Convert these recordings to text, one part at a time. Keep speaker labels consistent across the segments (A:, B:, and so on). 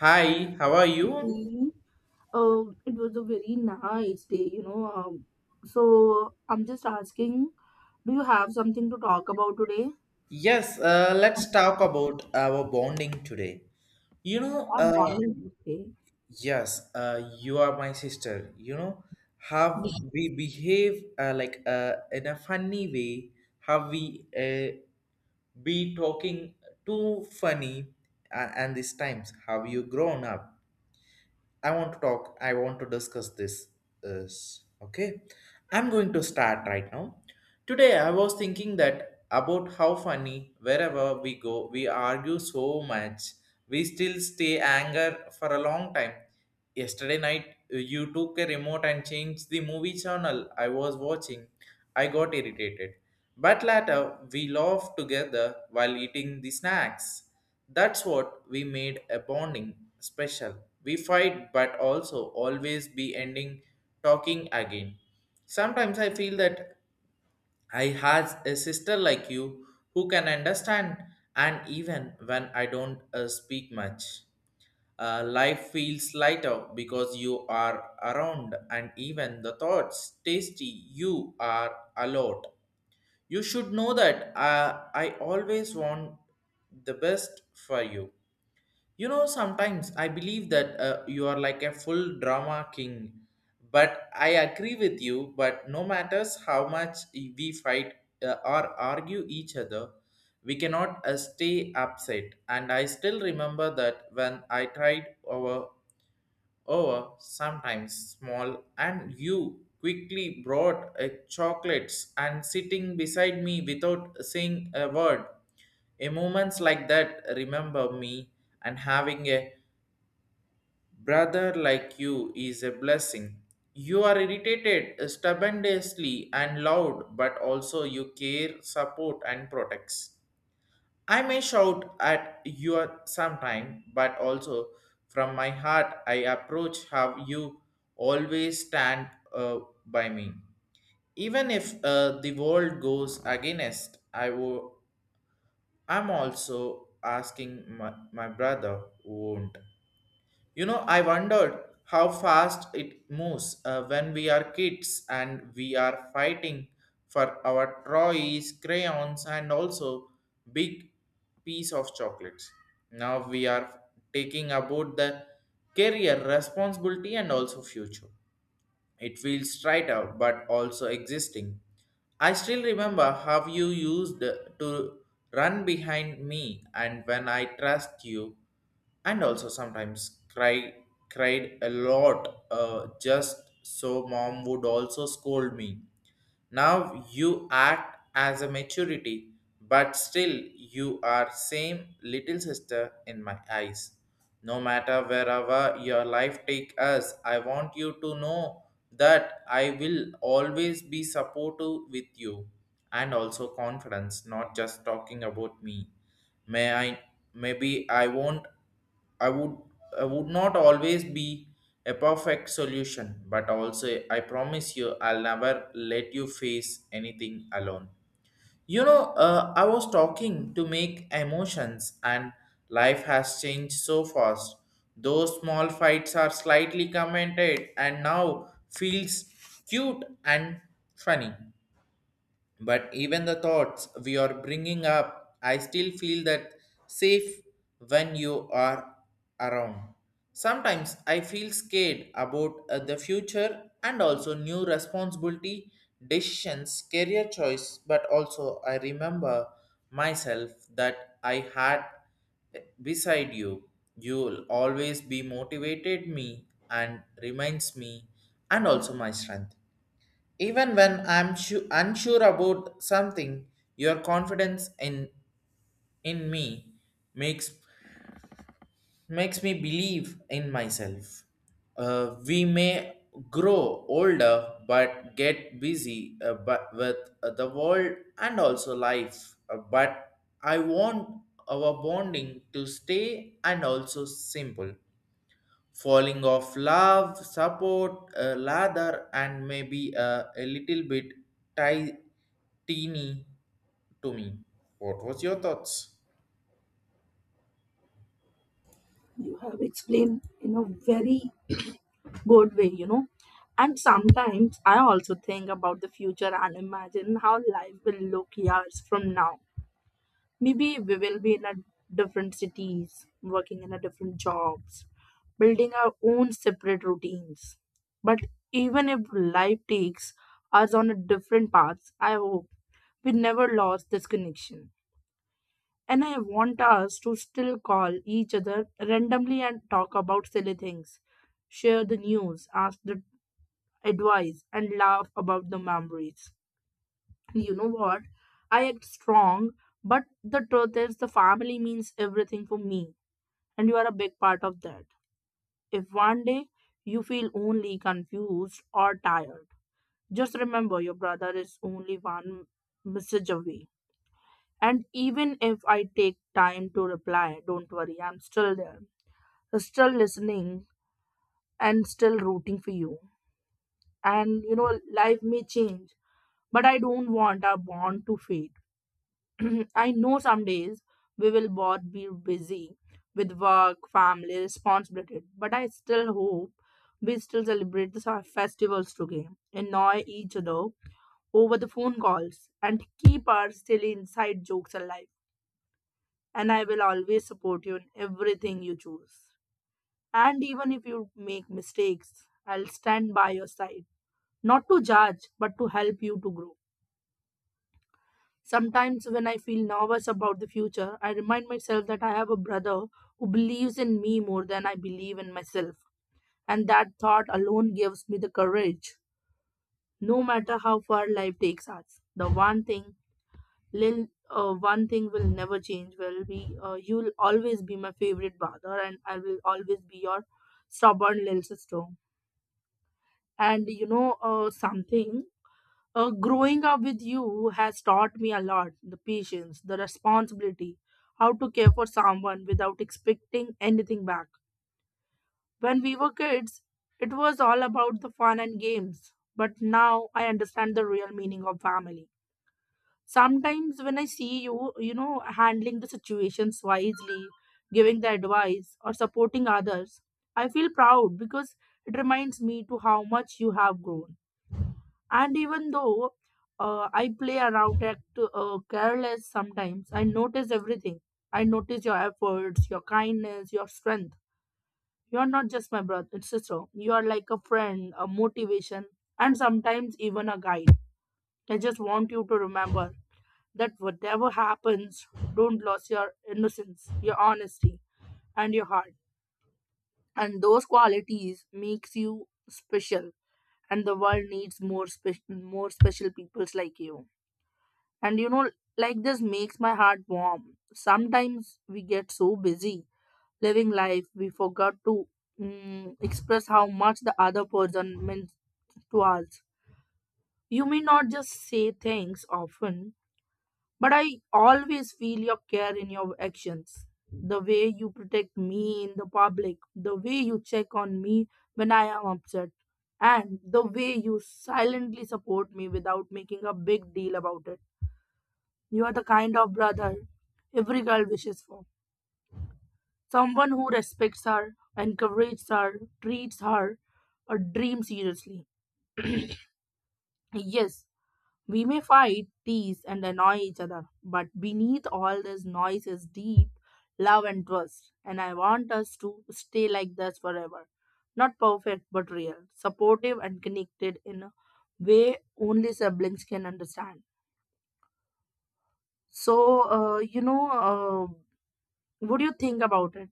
A: Hi, how are you?
B: me, it was a very nice day. So I'm just asking, do you have something to talk about today?
A: Yes, let's talk about our bonding today. You know,
B: Our morning today,
A: yes, you are my sister. You know, how we behave like in a funny way, how we be talking too funny and these times, how you grown up. I want to talk. I want to discuss this. Is okay. I'm going to start right now. Today, I was thinking that about how funny wherever we go, we argue so much. We still stay anger for a long time. Yesterday night, you took a remote and changed the movie channel I was watching. I got irritated. But later, we laughed together while eating the snacks. That's what we made a bonding special. We fight, but also always be ending talking again. Sometimes I feel that I has a sister like you who can understand, and even when I don't speak much, life feels lighter because you are around, and even the thoughts tasty you are allowed. You should know that I always want the best for you. You know, sometimes I believe that you are like a full drama king, but I agree with you. But no matters how much we fight or argue each other, we cannot stay upset. And I still remember that when I tried our or sometimes small, and you quickly brought a chocolates and sitting beside me without saying a word. A moments like that remember me and having a brother like you is a blessing. You are irritated stubbornly and loud, but also you care, support, and protects. I may shout at you sometime, but also from my heart I approach how you always stand by me. Even if the world goes against, I'm also asking my brother won't. You know, I wondered how fast it moves when we are kids and we are fighting for our toys, crayons, and also big piece of chocolates. Now we are taking about the career responsibility and also future. It feels straight out but also existing. I still remember how you used to run behind me and when I trust you and also sometimes cry cried a lot just so mom would also scold me. Now you act as a maturity, but still you are same little sister in my eyes. No matter wherever your life take us, I want you to know that I will always be supportive with you and also confidence, not just talking about me. May I maybe I won't I would I would not always be a perfect solution, but also I promise you I'll never let you face anything alone. You know, I was talking to make emotions, and life has changed so fast. Those small fights are slightly commented, and now feels cute and funny. But even the thoughts we are bringing up, I still feel that safe when you are around. Sometimes I feel scared about the future and also new responsibility, decisions, career choice, but also I remember myself that I had beside you. You'll always be motivated me and reminds me and also my strength. Even when I'm unsure about something, your confidence in me makes makes me believe in myself. We may grow older, but get busy but with the world and also life. But I want our bonding to stay and also simple falling of love, support, lather, and maybe a little bit ti- teeny to me. What was your thoughts?
B: you have explained in a very good way, you know. And sometimes I also think about the future and imagine how life will look years from now. Maybe we will be in a different cities, working in a different jobs, building our own separate routines. But even if life takes us on a different paths, I hope we never lost this connection. And I want us to still call each other randomly and talk about silly things, share the news, ask the advice, and laugh about the memories. You know what? I act strong, but the truth is, the family means everything for me, and you are a big part of that. If one day you feel only confused or tired, just remember your brother is only one message away. And even if I take time to reply, don't worry, I'm still there, still listening, and still rooting for you. And you know, life may change, but I don't want our bond to fade. I know some days we will both be busy with work, family, responsibility, but I still hope we still celebrate the festivals together, annoy each other over the phone calls, and keep our silly inside jokes alive. And I will always support you in everything you choose. And even if you make mistakes, I'll stand by your side, not to judge, but to help you to grow. Sometimes, when I feel nervous about the future, I remind myself that I have a brother who believes in me more than I believe in myself. And that thought alone gives me the courage. No matter how far life takes us, the one thing will never change. Will be You'll always be my favorite brother, and I will always be your stubborn little sister. And you know something, growing up with you has taught me a lot the patience, the responsibility, how to care for someone without expecting anything back. When we were kids, it was all about the fun and games, but now I understand the real meaning of family. Sometimes when I see you, you know, handling the situations wisely, giving the advice, or supporting others, I feel proud because it reminds me to how much you have grown and even though I play around act careless sometimes, I notice everything. I notice your efforts, your kindness, your strength. You are not just my brother and sister. You are like a friend, a motivation, and sometimes even a guide. I just want you to remember that whatever happens, don't lose your innocence, your honesty, and your heart. And those qualities makes you special. And the world needs more special peoples like you. And you know, like this makes my heart warm. Sometimes we get so busy living life, we forgot to express how much the other person means to us. You may not just say thanks often, but I always feel your care in your actions. The way you protect me in the public, the way you check on me when I am upset, and the way you silently support me without making a big deal about it. You are the kind of brother every girl wishes for. Someone who respects her, encourages her, treats her a dreams seriously. Yes, we may fight, tease, and annoy each other, but beneath all this noise is deep love and trust. And I want us to stay like this forever. Not perfect, but real, supportive, and connected in a way only siblings can understand. So what do you think about it?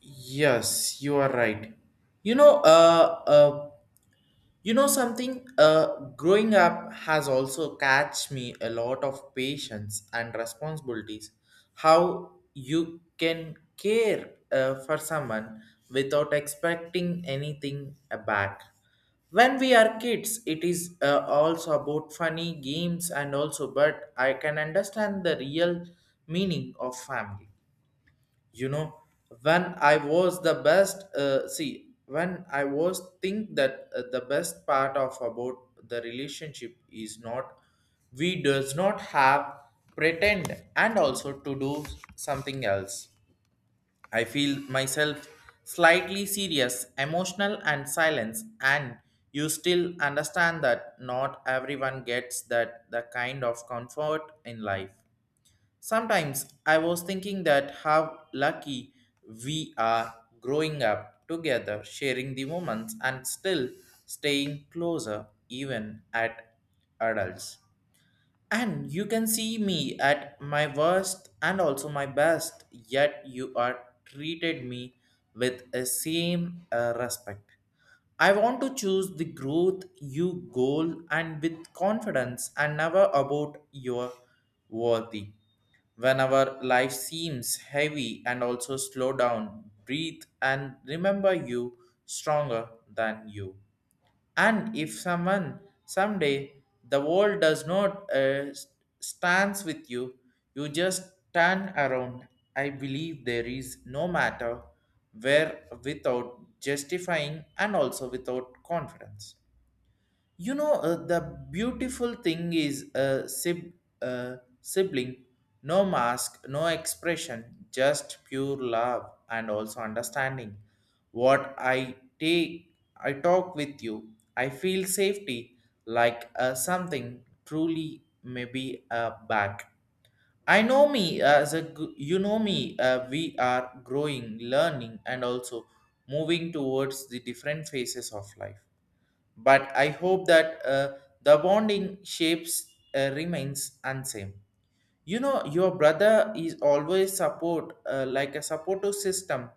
A: Yes, you are right. You know, uh, uh, You know something? Growing up has also catch me a lot of patience and responsibilities. How you can care for someone without expecting anything back. When we are kids, it is also about funny games and also, but I can understand the real meaning of family you know when I was the best see when I was think that the best part of about the relationship is not we does not have pretend and also to do something else. I feel myself slightly serious emotional and silence and you still understand that not everyone gets that the kind of comfort in life. Sometimes I was thinking that how lucky we are growing up together, sharing the moments, and still staying closer even at adults. And you can see me at my worst and also my best, yet you are treated me with the same respect. I want to choose the growth you goal and with confidence and never about your worthy. Whenever life seems heavy and also slow down, breathe and remember you stronger than you. And if someone someday the world does not stands with you just turn around. I believe there is no matter where without justifying and also without confidence. You know, the beautiful thing is a sibling, no mask, no expression, just pure love and also understanding. What I take, I talk with you, I feel safety like something truly maybe back. I know me as a you know me, we are growing, learning, and also moving towards the different phases of life. But I hope that the bonding shapes remains unsame. You know, your brother is always support, like a supportive system,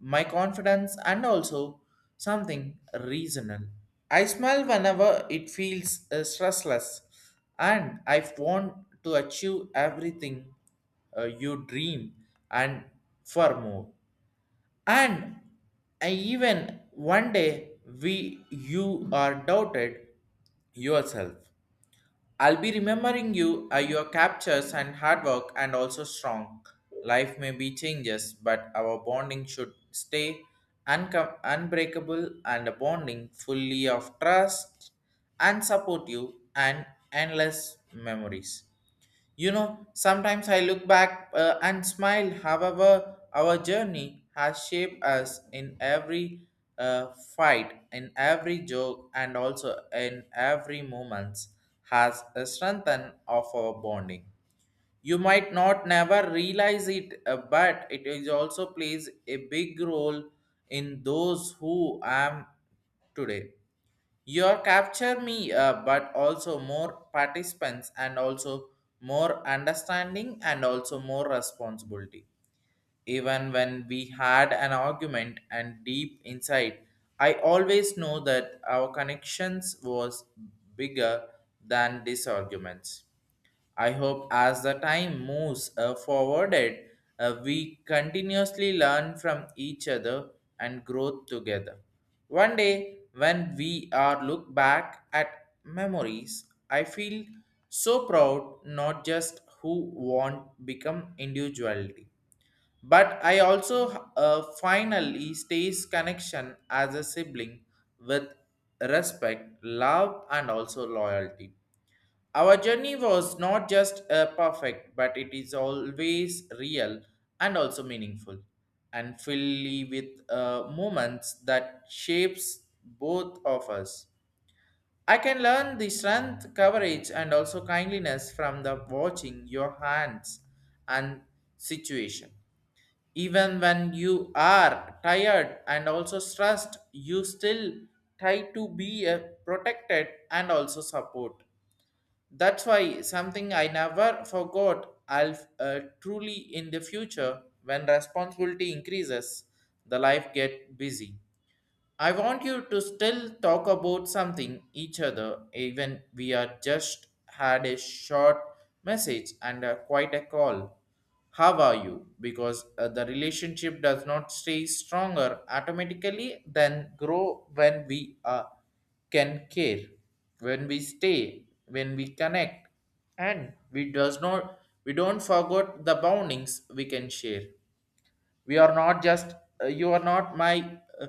A: my confidence, and also something reasonable. I smile whenever it feels stressless, and I want to achieve everything you dream and far more. And I even one day we you are doubted yourself. I'll be remembering you, your captures and hard work, and also strong. Life may be changes, but our bonding should stay unbreakable and a bonding fully of trust and support you and endless memories. You know, sometimes I look back and smile. However, our journey has shaped us in every fight, in every joke, and also in every moment has a strengthen of our bonding. You might not never realize it, but it is also plays a big role in those who I am today. Your capture me, but also more participants and also more understanding and also more responsibility. Even when we had an argument and deep inside, I always know that our connections was bigger than disarguments. I hope as the time moves forwarded, we continuously learn from each other and grow together. One day, when we are look back at memories, I feel so proud not just who want become individuality, but I also finally stays connection as a sibling with respect, love, and also loyalty. Our journey was not just perfect, but it is always real and also meaningful, and fully with moments that shapes both of us. I can learn the strength, courage, and also kindliness from the watching your hands and situation. Even when you are tired and also stressed, you still try to be protected and also support. That's why something I never forgot. I'll truly in the future when responsibility increases, the life get busy. I want you to still talk about something each other, even we are just had a short message and quite a call. How are you? Because the relationship does not stay stronger automatically, than grow when we can care, when we stay, when we connect, and we does not we don't forget the boundings we can share. We are not just, you are not my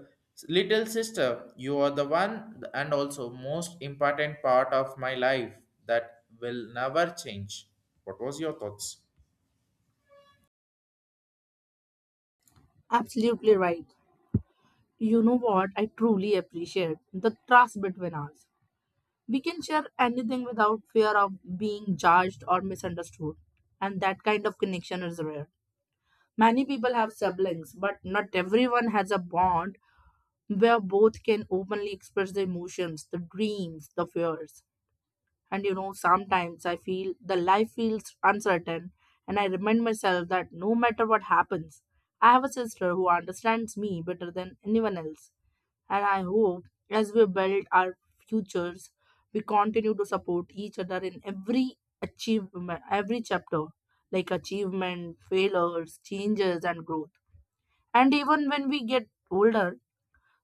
A: little sister. You are the one and also most important part of my life that will never change. What was your thoughts?
B: Absolutely right. You know what I truly appreciate? The trust between us. We can share anything without fear of being judged or misunderstood, and that kind of connection is rare. Many people have siblings, but not everyone has a bond where both can openly express the emotions, the dreams, the fears. And you know, sometimes I feel the life feels uncertain, and I remind myself that no matter what happens, I have a sister who understands me better than anyone else. And I hope as we build our futures, we continue to support each other in every achievement, every chapter, like achievement, failures, changes, and growth. And even when we get older,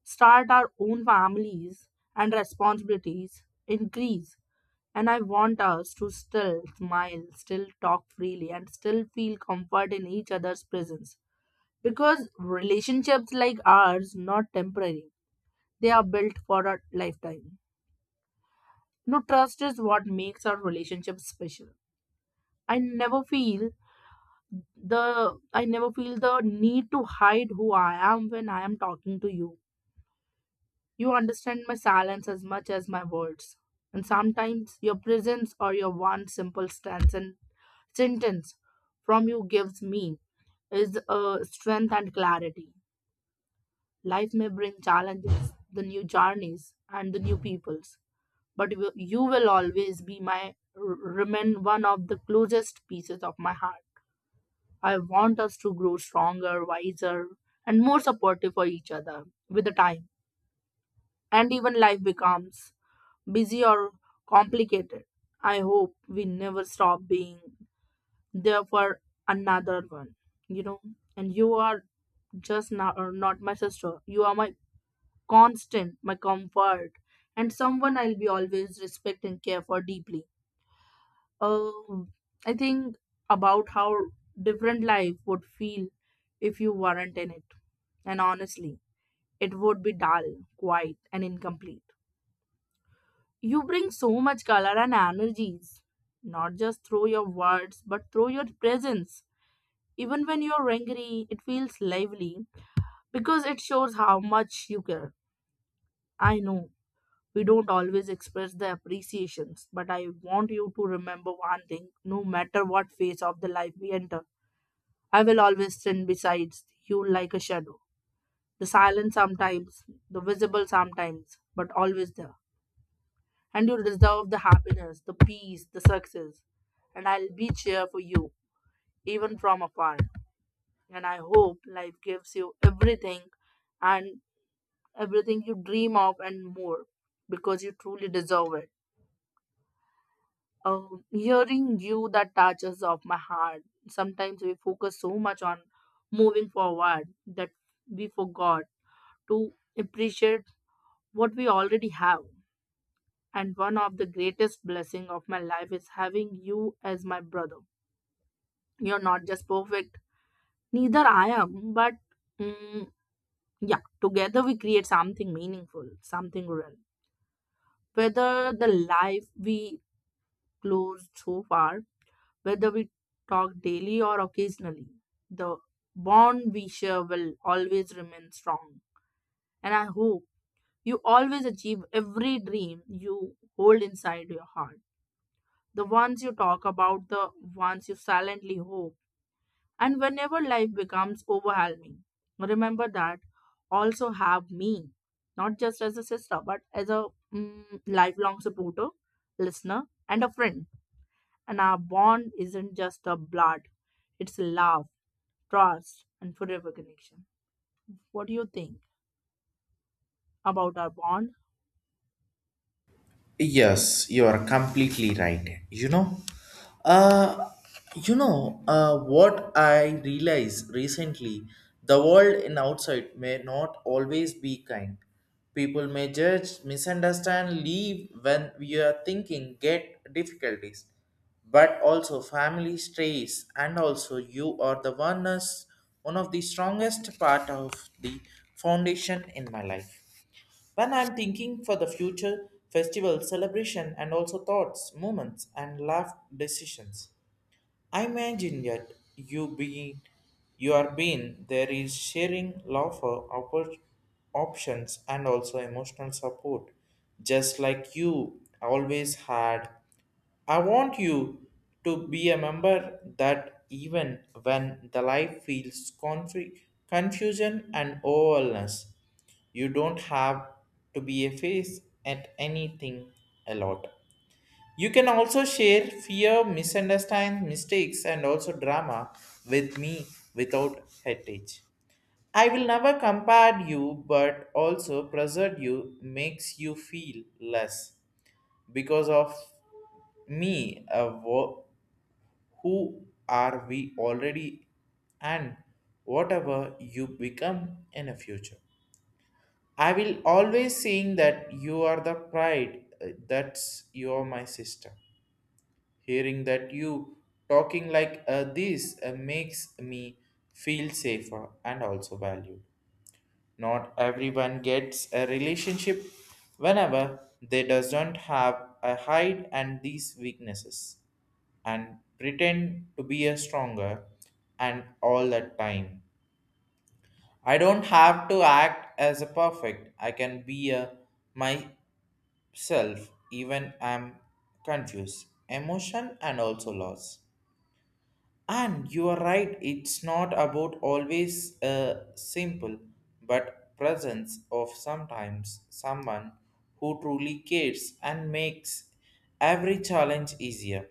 B: start our own families and responsibilities increase. And I want us to still smile, still talk freely, and still feel comfort in each other's presence. Because relationships like ours not temporary they are built for a lifetime. No trust is what makes our relationship special. I never feel I never feel the need to hide who I am when I am talking to you. You understand my silence as much as my words. And sometimes your presence or your one simple stance and sentence from you gives me is strength and clarity. Life may bring challenges, the new journeys, and the new peoples. But you will always be my remain one of the closest pieces of my heart. I want us to grow stronger, wiser, and more supportive for each other with the time. And even life becomes busy or complicated. I hope we never stop being there for another one, you know. And you are just not, or not my sister. You are my constant, my comfort, and someone I'll be always respect and care for deeply. Um, I think about how different life would feel if you weren't in it. And honestly, it would be dull, quiet, and incomplete. You bring so much color and energies, not just through your words, but through your presence. Even when you're angry, it feels lively because it shows how much you care. I know we don't always express the appreciations, but I want you to remember one thing no matter what phase of the life we enter I will always stand beside you like a shadow. The silent sometimes, the visible sometimes, but always there. And you deserve the happiness, the peace, the success. And I'll be cheer for you, even from afar. And I hope life gives you everything and everything you dream of and more because you truly deserve it. Hearing you that touches off my heart. Sometimes we focus so much on moving forward that we forgot to appreciate what we already have. And one of the greatest blessing of my life is having you as my brother. You're not just perfect, neither I am, but mm, yeah, together we create something meaningful, something real. Whether the life we closed so far, whether we talk daily or occasionally, the bond we share will always remain strong. And I hope you always achieve every dream you hold inside your heart. The ones you talk about, the ones you silently hope, and whenever life becomes overwhelming, remember that also have me, not just as a sister, but as a lifelong supporter, listener, and a friend. And our bond isn't just a blood, it's love, trust, and forever connection. What do you think about our bond?
A: Yes, you are completely right. Uh, you know, what I realized recently: the world in outside may not always be kind. People may judge, misunderstand, leave when we are thinking, get difficulties, but also family strays, and also you are the one, one of the strongest part of the foundation in my life when I'm thinking for the future, festival, celebration, and also thoughts, moments, and life decisions, I imagine that you being, you are being there is sharing love for options and also emotional support, just like you always had. I want you to be a member that even when the life feels confusion and overwhelmness you don't have to be a face at anything a lot. You can also share fear, misunderstandings, mistakes, and also drama with me without heritage. I will never compare you, but also preserve you makes you feel less because of me. Who are we already, and whatever you become in the future. I will always saying that you are the pride. That's you are my sister. Hearing that you talking like this makes me feel safer and also valued. Not everyone gets a relationship whenever they doesn't have a hide and these weaknesses and pretend to be a stronger and all that time I don't have to act as a perfect. I can be a myself even I'm confused. Emotion and also loss. And you are right, it's not about always a simple but presence of sometimes someone who truly cares and makes every challenge easier.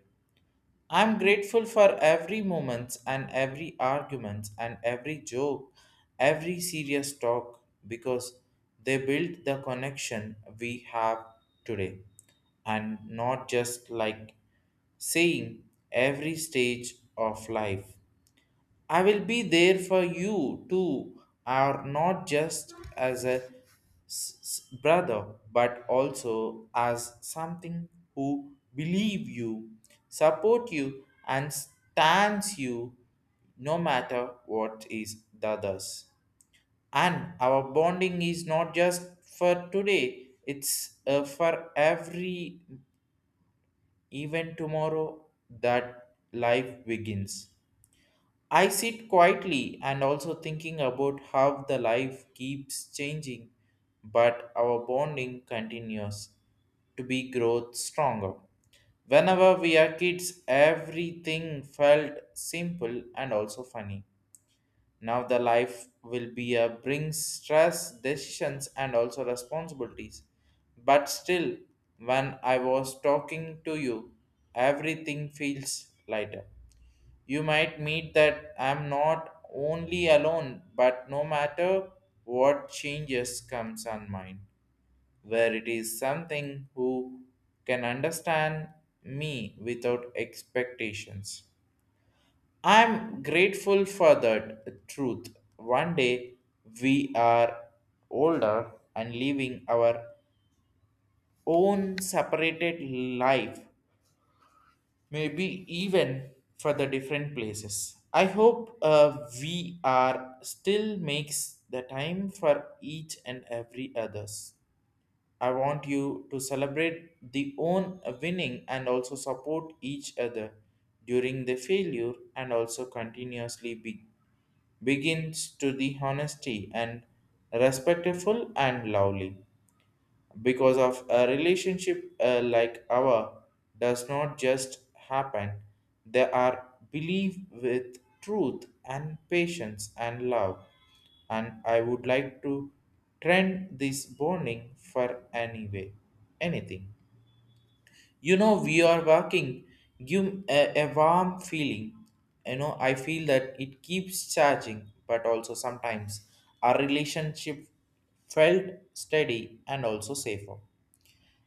A: I'm grateful for every moment and every argument and every joke, every serious talk because they build the connection we have today and not just like saying every stage of life I will be there for you too, are not just as a brother, but also as something who believe you, support you, and stands you no matter what is the others. And our bonding is not just for today, it's for every even tomorrow that life begins. I sit quietly and also thinking about how the life keeps changing, but our bonding continues to be growth stronger. Whenever we are kids, everything felt simple and also funny. Now the life will be a brings stress, decisions, and also responsibilities. But still, when I was talking to you, everything feels lighter. You might meet that I'm not only alone, but no matter what changes comes on mine, where it is something who can understand me without expectations. I'm grateful for that truth. One day we are older and living our own separated life maybe even for the different places. I hope we are still makes the time for each and every others. I want you to celebrate the own winning and also support each other during the failure and also continuously begins to the honesty and respectful and lovely because of a relationship like our does not just happen. They are believed with truth and patience and love and I would like to trend this bonding for anyway anything. You know we are working give a warm feeling. You know I feel that it keeps charging but also sometimes our relationship felt steady and also safer.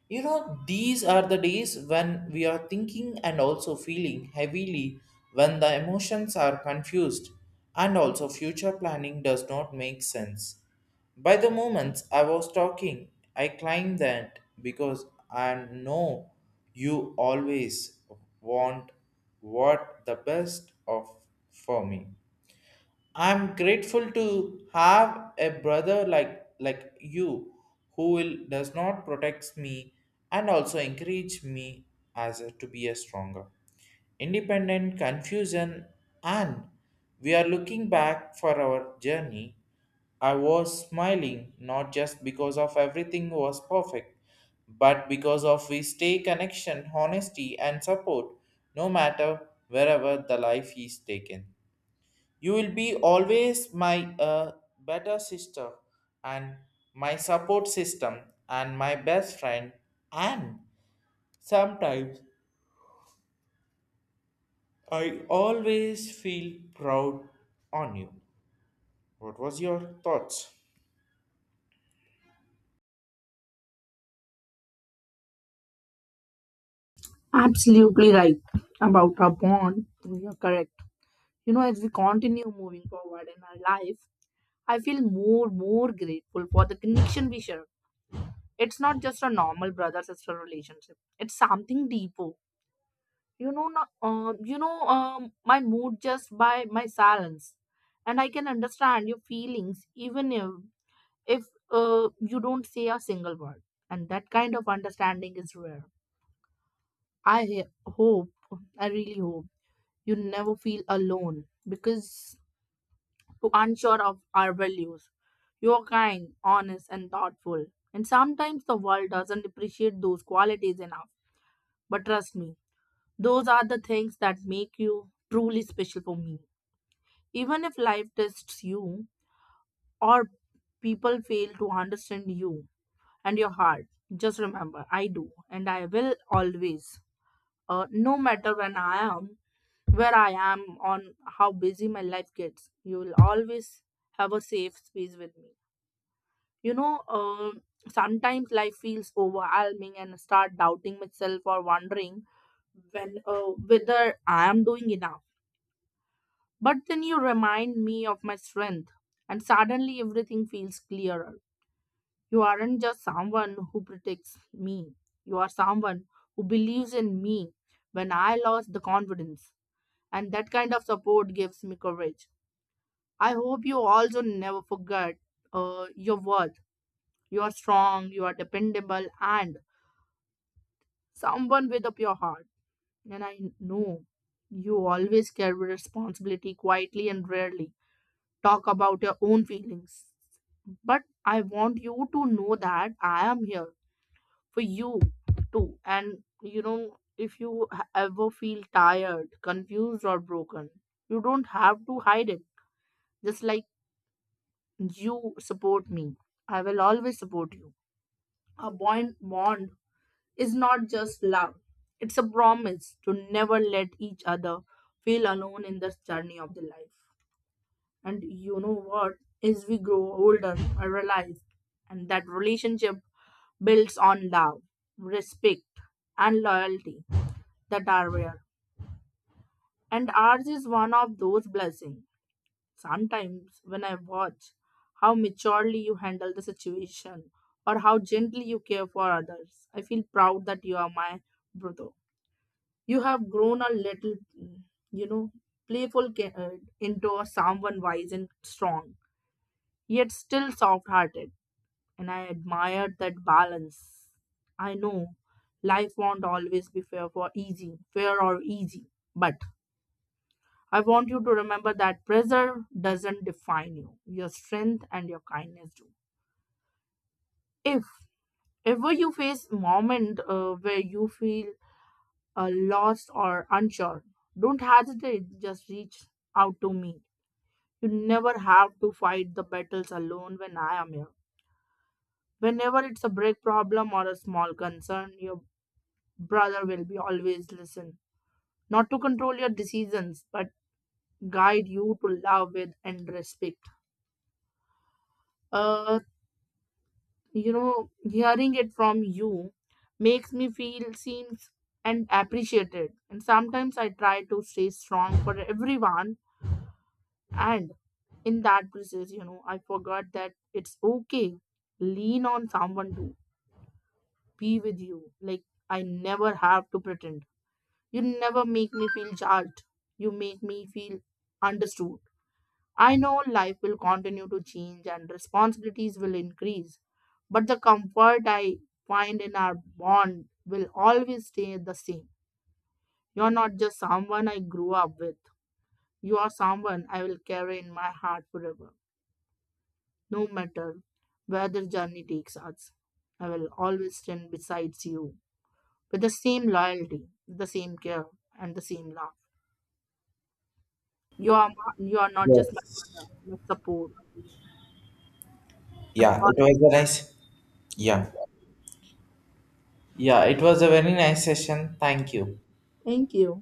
A: You know, these are the days when we are thinking and also feeling heavily, when the emotions are confused, and also future planning does not make sense. By the moments I was talking, I climbed that because I know you always want what the best of for me. I'm grateful to have a brother like you who will does not protects me and also encourage me to be a stronger independent confusion. And we are looking back for our journey I was smiling not just because of everything was perfect but because of we stay connection honesty and support no matter wherever the life is taken. You will be always my better sister and my support system and my best friend and sometimes I always feel proud on you. What was your thoughts?
B: Absolutely right about our bond. You're correct. You know, as we continue moving forward in our life, I feel more grateful for the connection we share. It's not just a normal brother sister relationship. It's something deeper. You know, not, you know, My mood just by my silence, and I can understand your feelings even if you don't say a single word. And that kind of understanding is rare. I he- hope, I really hope you never feel alone because you're unsure of our values. You're kind, honest, and thoughtful. And sometimes the world doesn't appreciate those qualities enough. But trust me, those are the things that make you truly special for me. Even if life tests you or people fail to understand you and your heart, just remember I do, and I will always. No matter when I am, where I am, on how busy my life gets, you will always have a safe space with me. You know, sometimes life feels overwhelming and I start doubting myself or wondering when whether I am doing enough. But then you remind me of my strength, and suddenly everything feels clearer. You aren't just someone who protects me. You are someone who believes in me when I lost the confidence and that kind of support gives me courage. I hope you also never forget your worth. You are strong, you are dependable, and someone with a pure heart. And I know you always carry responsibility quietly and rarely talk about your own feelings. But I want you to know that I am here for you too. And you know, if ever feel tired, confused, or broken, you don't have to hide it. Just like you support me. I will always support you. A bond is not just love. It's a promise to never let each other feel alone in this journey of the life. And you know what? As we grow older, I realize and that relationship builds on love, respect, and loyalty that are rare. And ours is one of those blessings. Sometimes, when I watch how maturely you handle the situation or how gently you care for others, I feel proud that you are my brother. You have grown a little, you know, playful ca- uh, into a someone wise and strong, yet still soft hearted. And I admired that balance. I know life won't always be fair or easy, but I want you to remember that pressure doesn't define you. Your strength and your kindness do. If ever you face a moment where you feel lost or unsure, don't hesitate. Just reach out to me. You never have to fight the battles alone when I am here. Whenever it's a big problem or a small concern, your brother will be always listen. Not to control your decisions, but guide you to love with and respect. Uh, you know hearing it from you makes me feel seen and appreciated and sometimes I try to stay strong for everyone and in that process you know I forgot that it's okay lean on someone to be with you like I never have to pretend you never make me feel judged you make me feel understood. I know life will continue to change and responsibilities will increase, but the comfort I find in our bond will always stay the same. You're not just someone I grew up with, you are someone I will carry in my heart forever, no matter where the journey takes us. I will always stand beside you with the same loyalty, the same care, and the same love. You are, you are not just my mother,
A: Yes.
B: my support. I'm
A: Yeah, it was a nice, yeah.
B: part-
A: Yeah, it was a very nice session. Thank you.
B: Thank you.